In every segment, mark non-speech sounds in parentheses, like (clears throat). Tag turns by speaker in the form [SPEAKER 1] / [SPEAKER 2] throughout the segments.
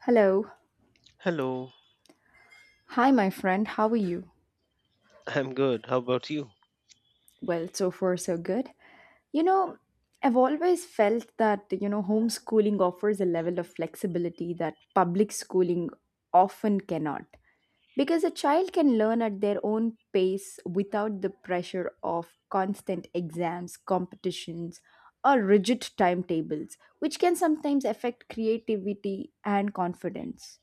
[SPEAKER 1] Hello.
[SPEAKER 2] Hello,
[SPEAKER 1] Hi, my friend. How are you?
[SPEAKER 2] I'm good. How about you?
[SPEAKER 1] Well, so far, so good. You know, I've always felt that, homeschooling offers a level of flexibility that public schooling often cannot. Because a child can learn at their own pace without the pressure of constant exams, competitions, or rigid timetables, which can sometimes affect creativity and confidence.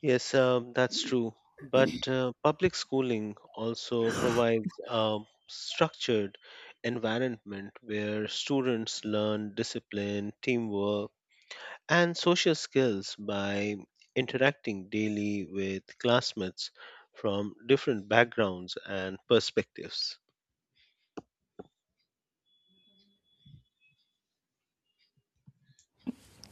[SPEAKER 2] Yes, that's true. But public schooling also provides a structured environment where students learn discipline, teamwork, and social skills by interacting daily with classmates from different backgrounds and perspectives.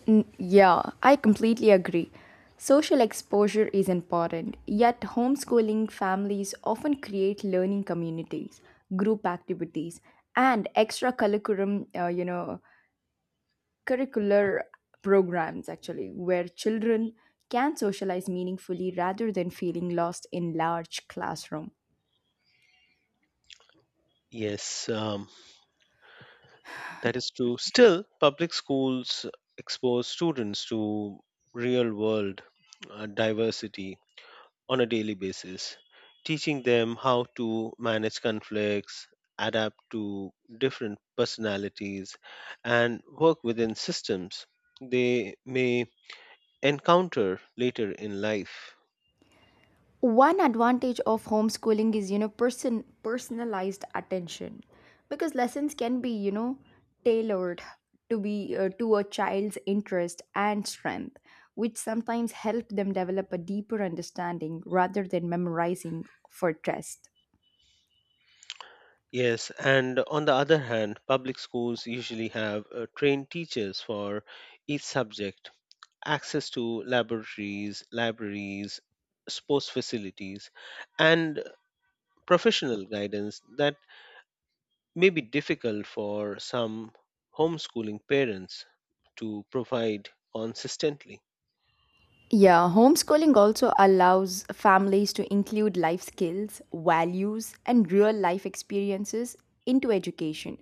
[SPEAKER 1] Yeah, I completely agree. Social exposure is important, yet homeschooling families often create learning communities, group activities, and extra curriculum, curricular programs actually, where children can socialize meaningfully rather than feeling lost in large classroom.
[SPEAKER 2] Yes, that is true. Still, public schools expose students to real world diversity on a daily basis, teaching them how to manage conflicts, adapt to different personalities, and work within systems they may encounter later in life.
[SPEAKER 1] One advantage of homeschooling is personalized attention, because lessons can be tailored to be to a child's interest and strength, which sometimes help them develop a deeper understanding rather than memorizing for test.
[SPEAKER 2] Yes, and on the other hand, public schools usually have trained teachers for each subject access to laboratories, libraries, sports facilities, and professional guidance that may be difficult for some homeschooling parents to provide consistently.
[SPEAKER 1] Yeah, homeschooling also allows families to include life skills, values, and real life experiences into education,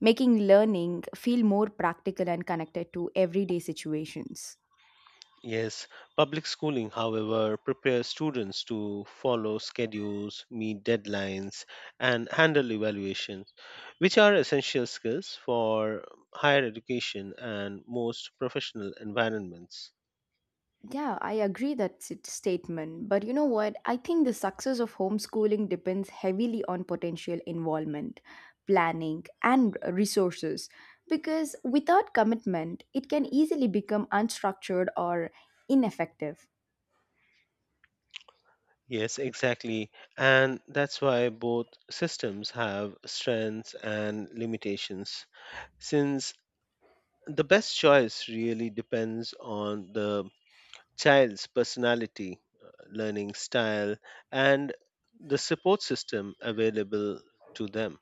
[SPEAKER 1] making learning feel more practical and connected to everyday situations.
[SPEAKER 2] Yes, public schooling, however, prepares students to follow schedules, meet deadlines, and handle evaluations, which are essential skills for higher education and most professional environments.
[SPEAKER 1] Yeah, I agree that statement. But you know what? I think the success of homeschooling depends heavily on potential involvement, planning, and resources. Because without commitment, it can easily become unstructured or ineffective.
[SPEAKER 2] Yes, exactly. And that's why both systems have strengths and limitations, since the best choice really depends on the child's personality, learning style, and the support system available to them.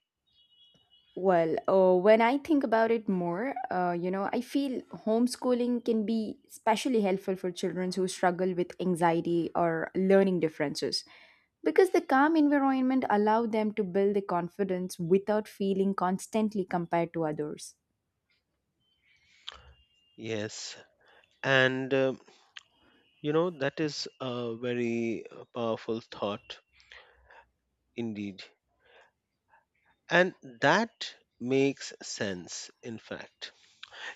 [SPEAKER 1] Well, when I think about it more, I feel homeschooling can be especially helpful for children who struggle with anxiety or learning differences, because the calm environment allow them to build the confidence without feeling constantly compared to others.
[SPEAKER 2] Yes. And that is a very powerful thought indeed. And that makes sense, in fact.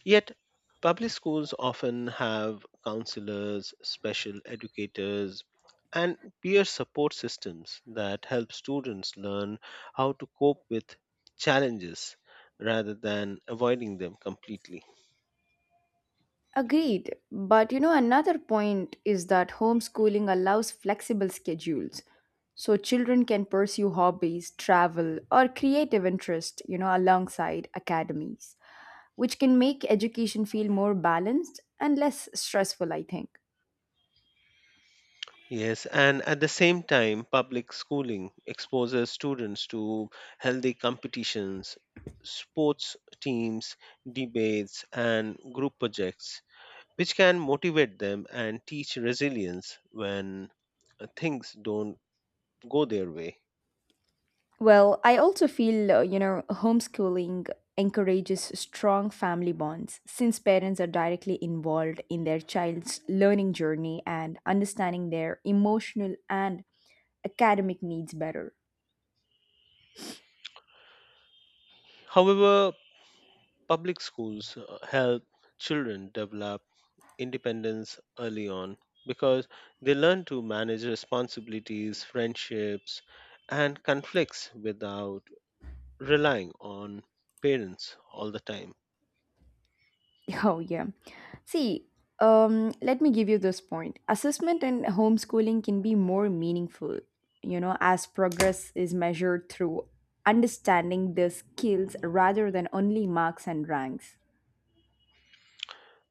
[SPEAKER 2] Yet, public schools often have counselors, special educators, and peer support systems that help students learn how to cope with challenges rather than avoiding them completely.
[SPEAKER 1] Agreed. But you know, another point is that homeschooling allows flexible schedules. So children can pursue hobbies, travel, or creative interest, alongside academies, which can make education feel more balanced and less stressful, I think.
[SPEAKER 2] Yes, and at the same time, public schooling exposes students to healthy competitions, sports teams, debates, and group projects which can motivate them and teach resilience when things don't go their way.
[SPEAKER 1] Well, I also feel, homeschooling encourages strong family bonds since parents are directly involved in their child's learning journey and understanding their emotional and academic needs better.
[SPEAKER 2] However, public schools help children develop independence early on because they learn to manage responsibilities, friendships, and conflicts without relying on parents all the time.
[SPEAKER 1] (laughs) Oh, yeah. See, let me give you this point. Assessment and homeschooling can be more meaningful, as progress is measured through understanding the skills rather than only marks and ranks.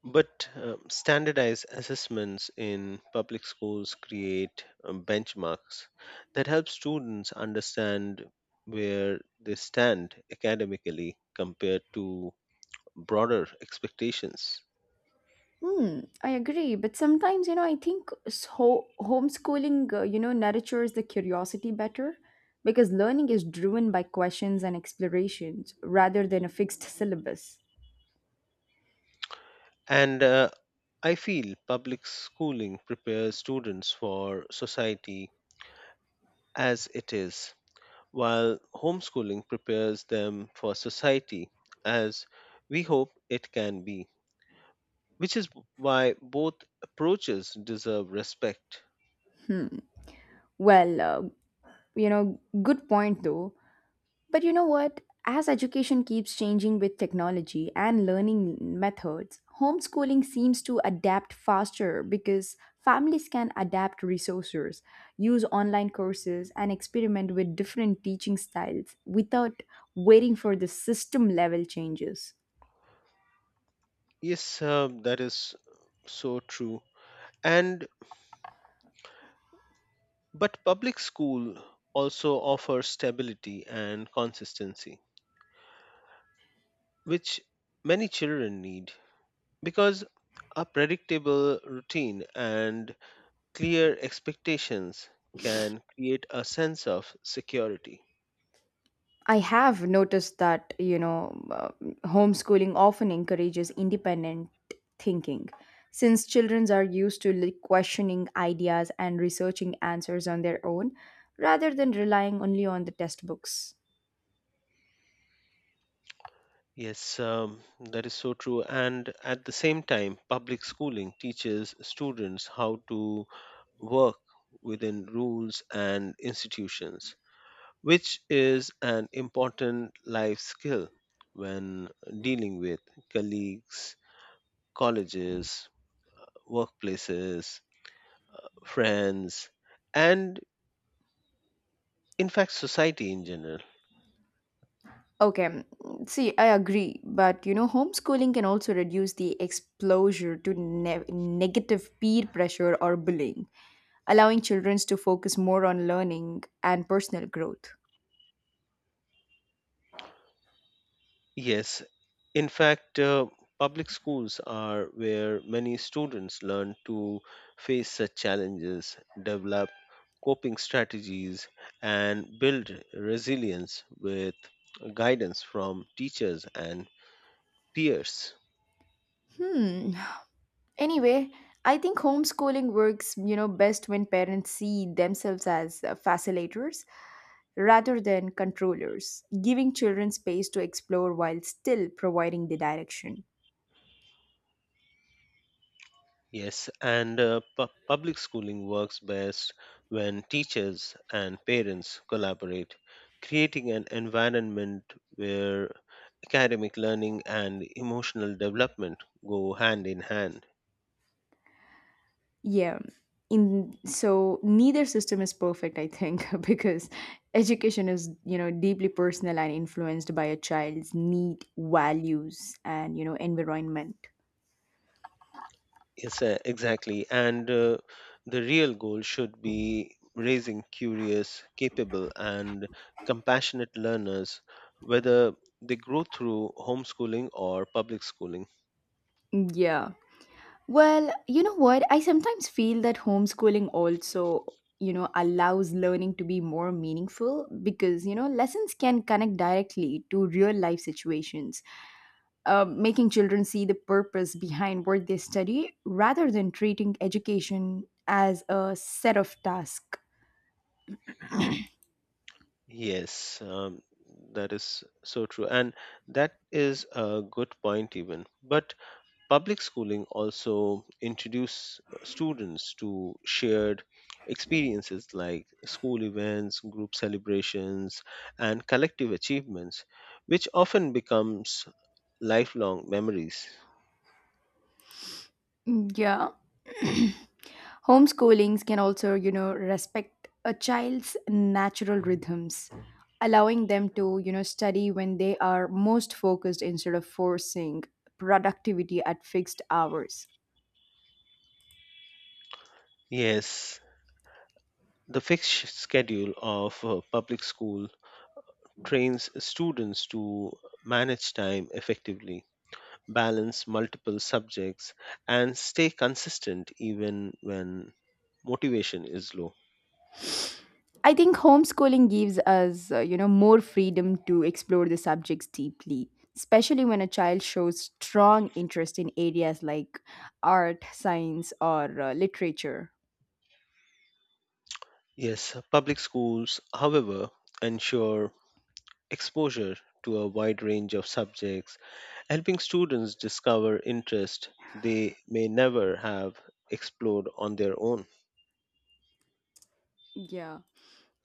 [SPEAKER 2] But standardized assessments in public schools create benchmarks that help students understand where they stand academically compared to broader expectations.
[SPEAKER 1] Hmm, I agree, but sometimes, I think so homeschooling, nurtures the curiosity better because learning is driven by questions and explorations rather than a fixed syllabus.
[SPEAKER 2] And I feel public schooling prepares students for society as it is, while homeschooling prepares them for society as we hope it can be, which is why both approaches deserve respect.
[SPEAKER 1] Well, uh, Good point though. But you know what? As education keeps changing with technology and learning methods, homeschooling seems to adapt faster because families can adapt resources, use online courses, and experiment with different teaching styles without waiting for the system level changes.
[SPEAKER 2] Yes, that is so true. And but public school also offers stability and consistency, which many children need because a predictable routine and clear expectations can create a sense of security.
[SPEAKER 1] I have noticed that, homeschooling often encourages independent thinking. Since children are used to like, questioning ideas and researching answers on their own rather than relying only on the textbooks.
[SPEAKER 2] Yes, that is so true. And at the same time, public schooling teaches students how to work within rules and institutions, which is an important life skill when dealing with colleagues, colleges, workplaces, friends, and in fact, society in general.
[SPEAKER 1] Okay, mm, see, I agree, but homeschooling can also reduce the exposure to negative peer pressure or bullying, allowing children to focus more on learning and personal growth.
[SPEAKER 2] Yes, in fact, public schools are where many students learn to face such challenges, develop coping strategies, and build resilience with guidance from teachers and peers.
[SPEAKER 1] Hmm. Anyway, I think homeschooling works, best when parents see themselves as facilitators rather than controllers, giving children space to explore while still providing the direction.
[SPEAKER 2] Yes, and public schooling works best when teachers and parents collaborate, creating an environment where academic learning and emotional development go hand in hand.
[SPEAKER 1] Yeah. In so neither system is perfect, I think, (laughs) because education is, deeply personal and influenced by a child's need, values, and, environment.
[SPEAKER 2] Yes, exactly. And the real goal should be raising curious, capable, and compassionate learners, whether they grow through homeschooling or public schooling.
[SPEAKER 1] Yeah. Well, you know what? I sometimes feel that homeschooling also, allows learning to be more meaningful because, lessons can connect directly to real life situations, making children see the purpose behind what they study rather than treating education as a set of tasks.
[SPEAKER 2] Yes, that is so true. And that is a good point, even. But public schooling also introduce students to shared experiences like school events, group celebrations, and collective achievements, which often becomes lifelong memories.
[SPEAKER 1] Yeah. (clears throat) Homeschoolings can also, respect a child's natural rhythms, allowing them to, study when they are most focused instead of forcing productivity at fixed hours.
[SPEAKER 2] Yes, the fixed schedule of public school trains students to manage time effectively balance multiple subjects, and stay consistent even when motivation is low.
[SPEAKER 1] I think homeschooling gives us, more freedom to explore the subjects deeply, especially when a child shows strong interest in areas like art, science, or literature.
[SPEAKER 2] Yes, public schools, however, ensure exposure to a wide range of subjects, helping students discover interest they may never have explored on their own.
[SPEAKER 1] Yeah.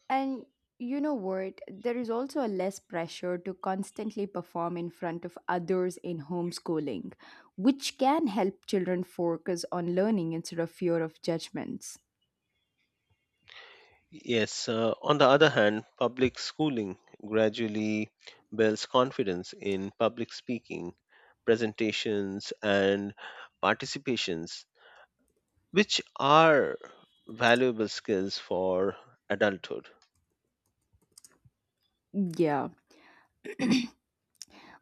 [SPEAKER 1] And you know what? There is also a less pressure to constantly perform in front of others in homeschooling, which can help children focus on learning instead of fear of judgments.
[SPEAKER 2] Yes, on the other hand, public schooling gradually builds confidence in public speaking, presentations, and participations which are valuable skills for adulthood.
[SPEAKER 1] Yeah.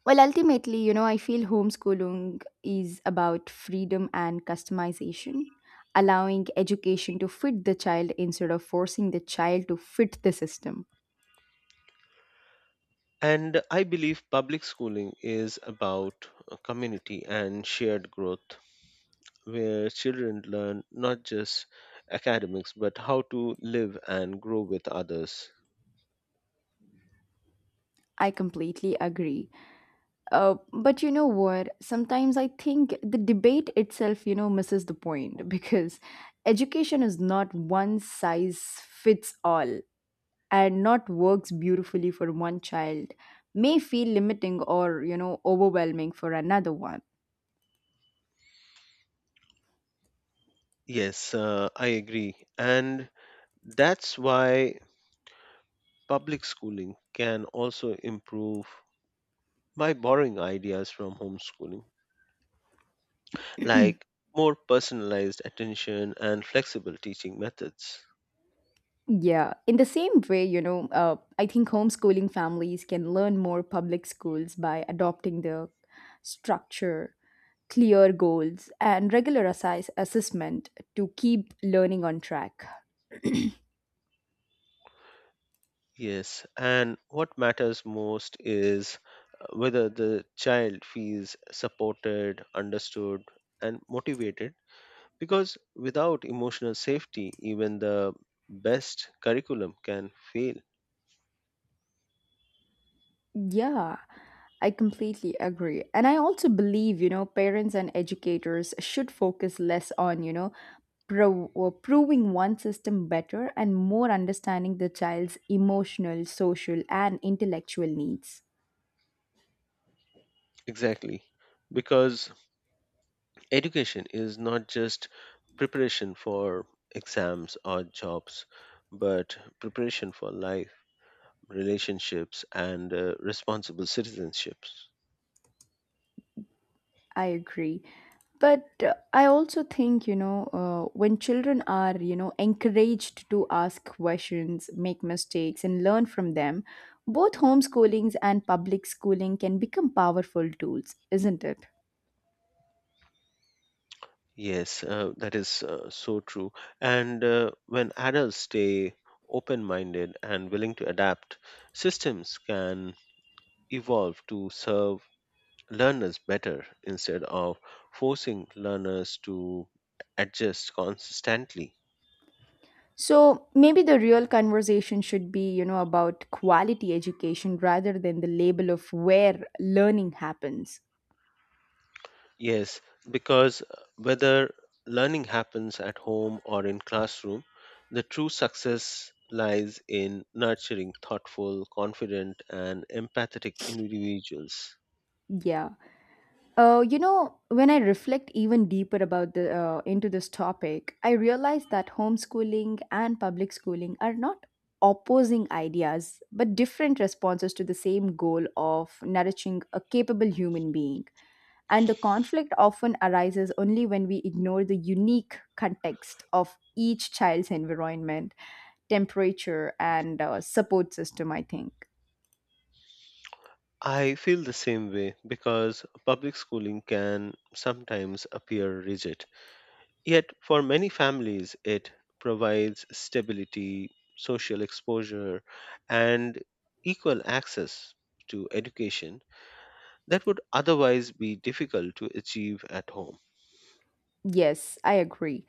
[SPEAKER 1] Well, ultimately, I feel homeschooling is about freedom and customization, allowing education to fit the child instead of forcing the child to fit the system.
[SPEAKER 2] And I believe public schooling is about community and shared growth, where children learn not just academics but how to live and grow with others.
[SPEAKER 1] I completely agree. But you know what? Sometimes I think the debate itself, misses the point (laughs) because education is not one size fits all, and not works beautifully for one child may feel limiting or, overwhelming for another one.
[SPEAKER 2] Yes, I agree. And that's why public schooling can also improve by borrowing ideas from homeschooling like more personalized attention and flexible teaching methods.
[SPEAKER 1] Yeah, in the same way, I think homeschooling families can learn more public schools by adopting the structure, clear goals, and regular assessment to keep learning on track.
[SPEAKER 2] Yes, and what matters most is whether the child feels supported, understood, and motivated because without emotional safety, even the best curriculum can fail.
[SPEAKER 1] Yeah, I completely agree. And I also believe, parents and educators should focus less on, you know, pro- or proving one system better and more understanding the child's emotional, social, and intellectual needs.
[SPEAKER 2] Exactly. Because education is not just preparation for exams or jobs, but preparation for life, relationships, and responsible citizenships.
[SPEAKER 1] I agree. But I also think, when children are, encouraged to ask questions, make mistakes, and learn from them, both homeschoolings and public schooling can become powerful tools, isn't it?
[SPEAKER 2] Yes, that is so true. And when adults stay open minded and willing to adapt, systems can evolve to serve learners better instead of forcing learners to adjust constantly.
[SPEAKER 1] So maybe the real conversation should be, about quality education rather than the label of where learning happens.
[SPEAKER 2] Yes, because whether learning happens at home or in classroom, the true success lies in nurturing thoughtful, confident, and empathetic individuals.
[SPEAKER 1] Yeah. You know, when I reflect even deeper about the into this topic, I realize that homeschooling and public schooling are not opposing ideas, but different responses to the same goal of nourishing a capable human being. And the conflict often arises only when we ignore the unique context of each child's environment, temperature, and support system, I think.
[SPEAKER 2] I feel the same way because public schooling can sometimes appear rigid. Yet, for many families, it provides stability, social exposure, and equal access to education that would otherwise be difficult to achieve at home.
[SPEAKER 1] Yes, I agree.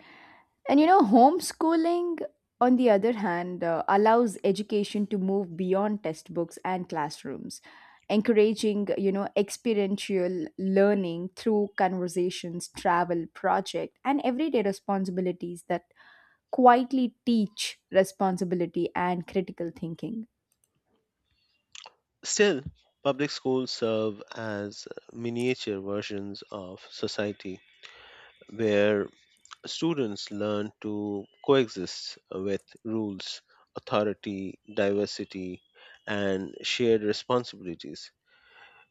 [SPEAKER 1] And you know, homeschooling, on the other hand, allows education to move beyond textbooks and classrooms, encouraging, experiential learning through conversations, travel, project, and everyday responsibilities that quietly teach responsibility and critical thinking.
[SPEAKER 2] Still, public schools serve as miniature versions of society where students learn to coexist with rules, authority, diversity, and shared responsibilities,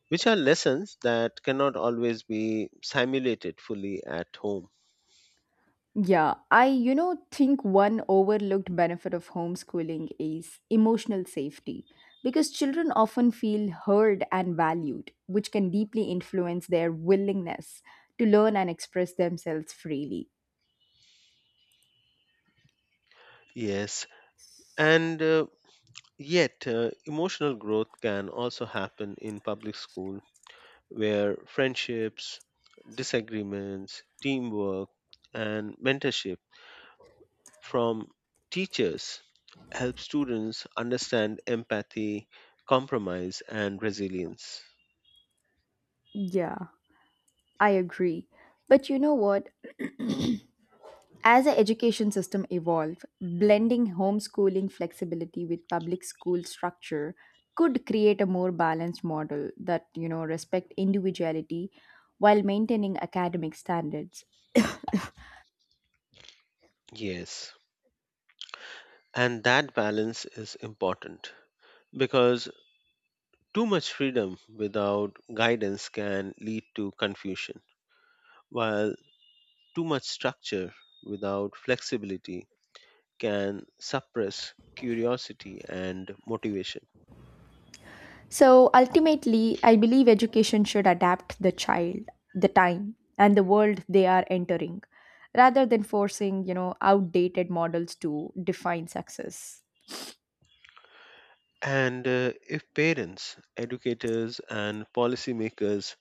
[SPEAKER 2] which are lessons that cannot always be simulated fully at home.
[SPEAKER 1] Yeah, I, think one overlooked benefit of homeschooling is emotional safety because children often feel heard and valued, which can deeply influence their willingness to learn and express themselves freely.
[SPEAKER 2] Yes, and yet emotional growth can also happen in public school where friendships, disagreements, teamwork, and mentorship from teachers help students understand empathy, compromise, and resilience.
[SPEAKER 1] Yeah, I agree. But you know what? As the education system evolved, blending homeschooling flexibility with public school structure could create a more balanced model that, respect individuality while maintaining academic standards.
[SPEAKER 2] Yes, and that balance is important because too much freedom without guidance can lead to confusion, while too much structure without flexibility can suppress curiosity and motivation.
[SPEAKER 1] So ultimately, I believe education should adapt the child, the time, and the world they are entering rather than forcing, outdated models to define success.
[SPEAKER 2] And if parents, educators, and policymakers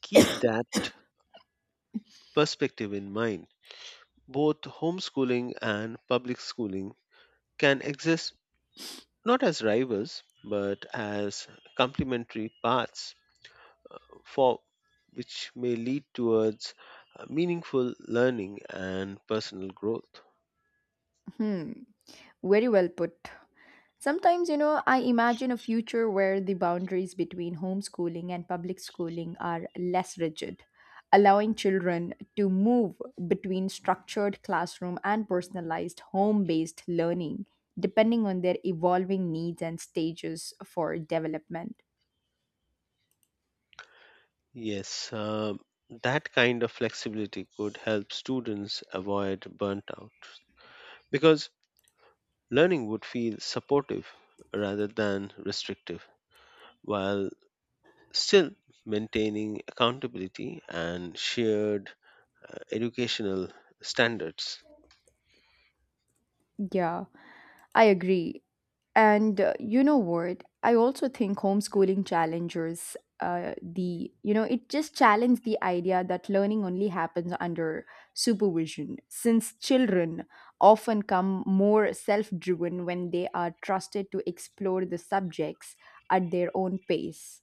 [SPEAKER 2] keep that perspective in mind, both homeschooling and public schooling can exist not as rivals but as complementary paths for which may lead towards meaningful learning and personal growth.
[SPEAKER 1] Hmm. Very well put. Sometimes, I imagine a future where the boundaries between homeschooling and public schooling are less rigid, allowing children to move between structured classroom and personalized home based learning, depending on their evolving needs and stages for development.
[SPEAKER 2] Yes, that kind of flexibility could help students avoid burnt out because learning would feel supportive rather than restrictive, while still maintaining accountability and shared educational standards.
[SPEAKER 1] Yeah, I agree. And you know what? I also think homeschooling challenges it just challenged the idea that learning only happens under supervision, since children often come more self driven when they are trusted to explore the subjects at their own pace.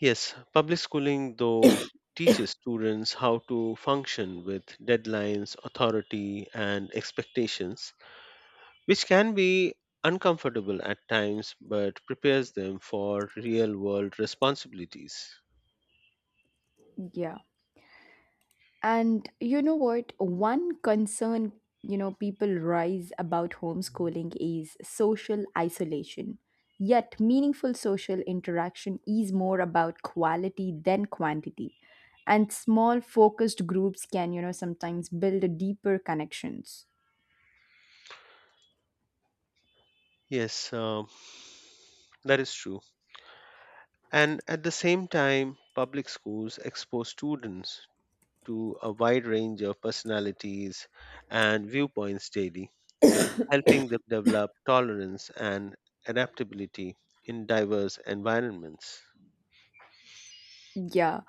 [SPEAKER 2] Yes, public schooling, though, teaches students how to function with deadlines, authority, and expectations, which can be uncomfortable at times but prepares them for real world responsibilities.
[SPEAKER 1] Yeah. And you know what? One concern, people rise about homeschooling is social isolation. Yet, meaningful social interaction is more about quality than quantity. And small focused groups can, sometimes build deeper connections.
[SPEAKER 2] Yes, that is true. And at the same time, public schools expose students to a wide range of personalities and viewpoints daily, helping them develop tolerance and adaptability in diverse environments.
[SPEAKER 1] Yeah.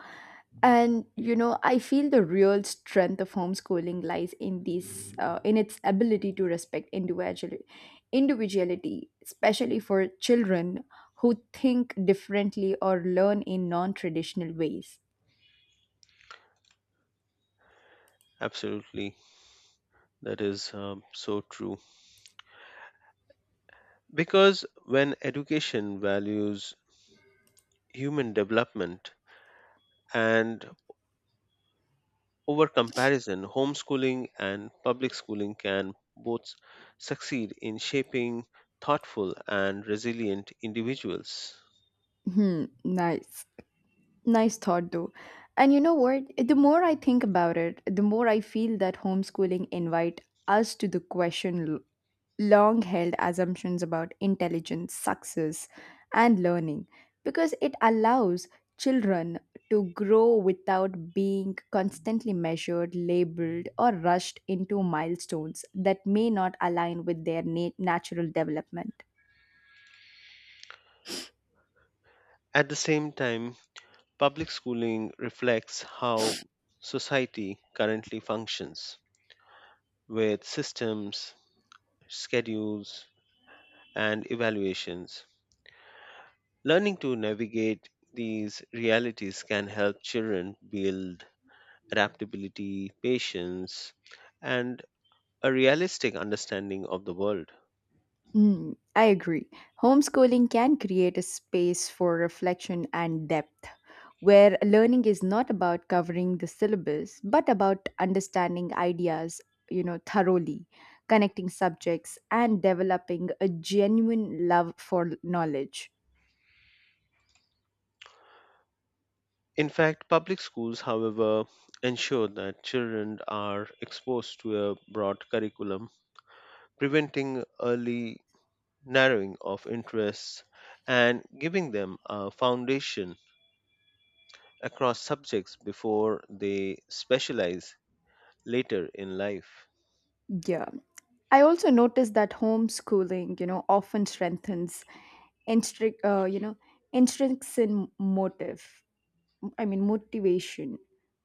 [SPEAKER 1] And you know, I feel the real strength of homeschooling lies in this in its ability to respect individuality, especially for children who think differently or learn in non-traditional ways.
[SPEAKER 2] Absolutely, that is so true. Because when education values human development and over comparison, homeschooling and public schooling can both succeed in shaping thoughtful and resilient individuals.
[SPEAKER 1] Hmm, nice. Nice thought, though. And you know what? The more I think about it, the more I feel that homeschooling invite us to the question long held assumptions about intelligence, success, and learning, because it allows children to grow without being constantly measured, labeled, or rushed into milestones that may not align with their natural development.
[SPEAKER 2] At the same time, public schooling reflects how society currently functions with systems, schedules, and evaluations. Learning to navigate these realities can help children build adaptability, patience, and a realistic understanding of the world.
[SPEAKER 1] Mm, I agree. Homeschooling can create a space for reflection and depth, where learning is not about covering the syllabus, but about understanding ideas, thoroughly, connecting subjects, and developing a genuine love for knowledge.
[SPEAKER 2] In fact, public schools, however, ensure that children are exposed to a broad curriculum, preventing early narrowing of interests and giving them a foundation across subjects before they specialize later in life.
[SPEAKER 1] Yeah. I also noticed that homeschooling, often strengthens intrinsic, you know, intrinsic motive I mean, motivation.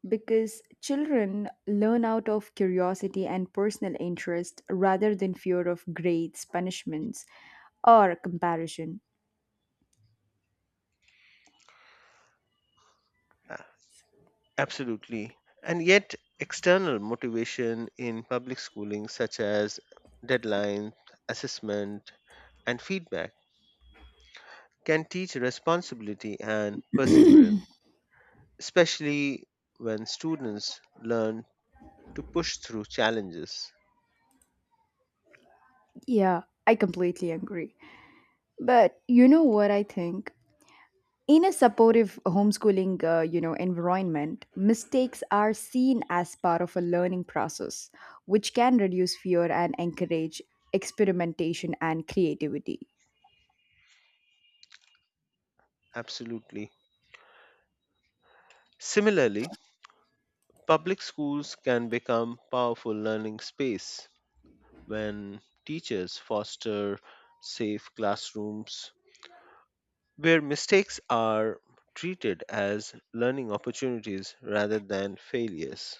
[SPEAKER 1] Because children learn out of curiosity and personal interest rather than fear of grades, punishments, or comparison.
[SPEAKER 2] A- Absolutely. And yet, external motivation in public schooling, such as deadlines, assessment, and feedback, can teach responsibility and perseverance, especially when students learn to push through challenges.
[SPEAKER 1] Yeah, I completely agree. But you know what I think? In a supportive homeschooling, environment, mistakes are seen as part of a learning process, which can reduce fear and encourage experimentation and creativity.
[SPEAKER 2] Absolutely. Similarly, public schools can become powerful learning space when teachers foster safe classrooms where mistakes are treated as learning opportunities rather than failures.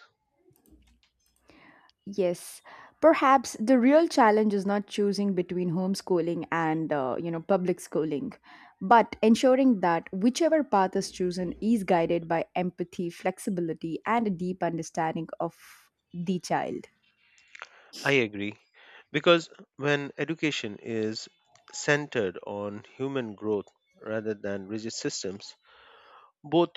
[SPEAKER 1] Yes, perhaps the real challenge is not choosing between homeschooling and public schooling, but ensuring that whichever path is chosen is guided by empathy, flexibility, and a deep understanding of the child.
[SPEAKER 2] I agree. Because when education is centered on human growth rather than rigid systems, both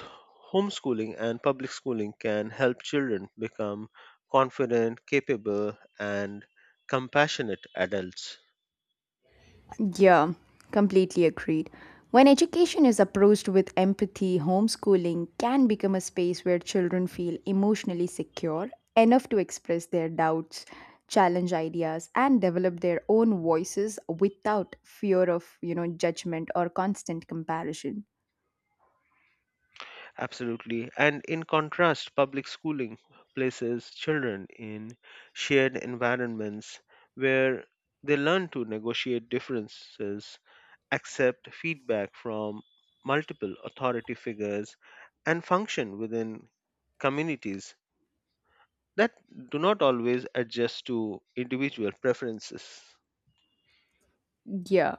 [SPEAKER 2] homeschooling and public schooling can help children become confident, capable, and compassionate adults.
[SPEAKER 1] Yeah, completely agreed. When education is approached with empathy, homeschooling can become a space where children feel emotionally secure enough to express their doubts, challenge ideas, and develop their own voices without fear of, judgment or constant comparison.
[SPEAKER 2] Absolutely. And in contrast, public schooling places children in shared environments where they learn to negotiate differences accept feedback from multiple authority figures, and function within communities that do not always adjust to individual preferences.
[SPEAKER 1] Yeah.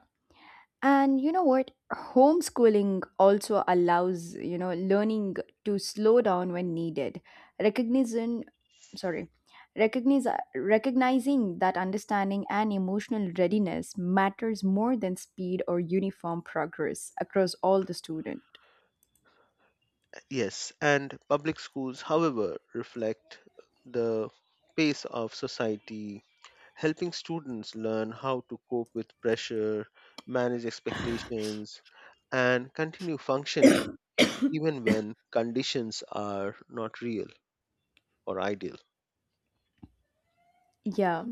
[SPEAKER 1] And you know what? Homeschooling also allows, learning to slow down when needed. Recognition, sorry, recognize, Recognizing that understanding and emotional readiness matters more than speed or uniform progress across all the student.
[SPEAKER 2] Yes, and public schools, however, reflect the pace of society, helping students learn how to cope with pressure, manage expectations, and continue functioning even when conditions are not real or ideal.
[SPEAKER 1] Yeah.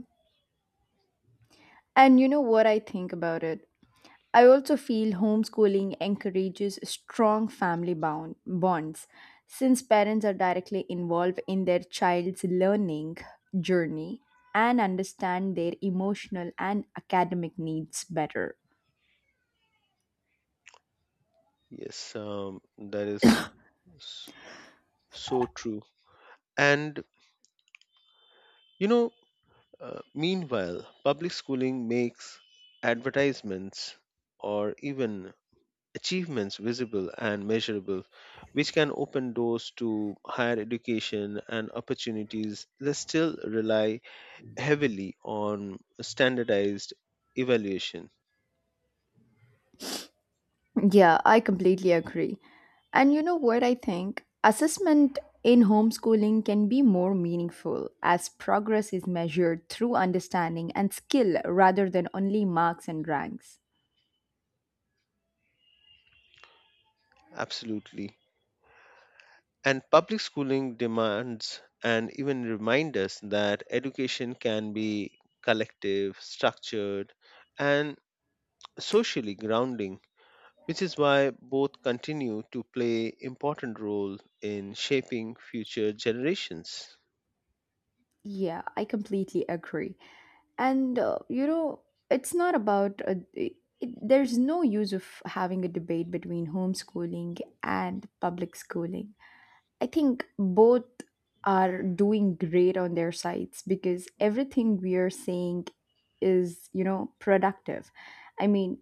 [SPEAKER 1] And you know what I think about it? I also feel homeschooling encourages strong family bound bonds since parents are directly involved in their child's learning journey and understand their emotional and academic needs better.
[SPEAKER 2] Yes, that is s- so true. And you know, meanwhile, public schooling makes advertisements or even achievements visible and measurable, which can open doors to higher education and opportunities that still rely heavily on standardized evaluation.
[SPEAKER 1] Yeah, I completely agree. And you know what I think? Assessment in homeschooling can be more meaningful as progress is measured through understanding and skill rather than only marks and ranks.
[SPEAKER 2] Absolutely. And public schooling demands and even remind us that education can be collective, structured, and socially grounding, which is why both continue to play important role in shaping future generations.
[SPEAKER 1] Yeah, I completely agree. And you know, it's not about there's no use of having a debate between homeschooling and public schooling. I think both are doing great on their sides, because everything we are saying is, productive. I mean,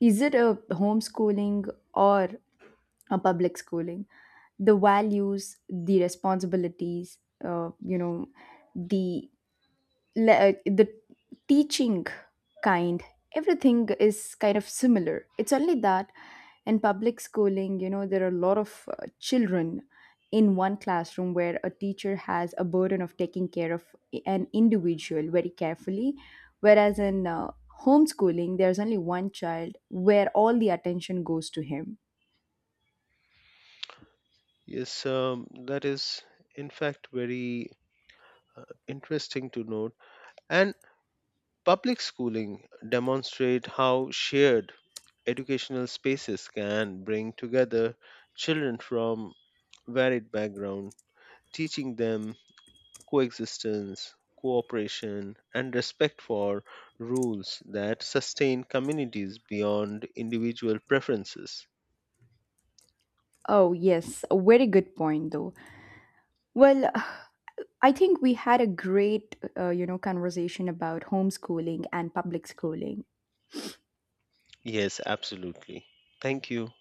[SPEAKER 1] is it a homeschooling or a public schooling, the values, the responsibilities, the the teaching kind, everything is kind of similar. It's only that in public schooling, there are a lot of children in one classroom where a teacher has a burden of taking care of an individual very carefully, whereas in homeschooling there's only one child where all the attention goes to him.
[SPEAKER 2] Yes, that is in fact very interesting to note. And public schooling demonstrate how shared educational spaces can bring together children from varied background, teaching them coexistence, cooperation, and respect for rules that sustain communities beyond individual preferences.
[SPEAKER 1] Oh yes, a very good point though. Well, (sighs) I think we had a great, conversation about homeschooling and public schooling.
[SPEAKER 2] Yes, absolutely. Thank you.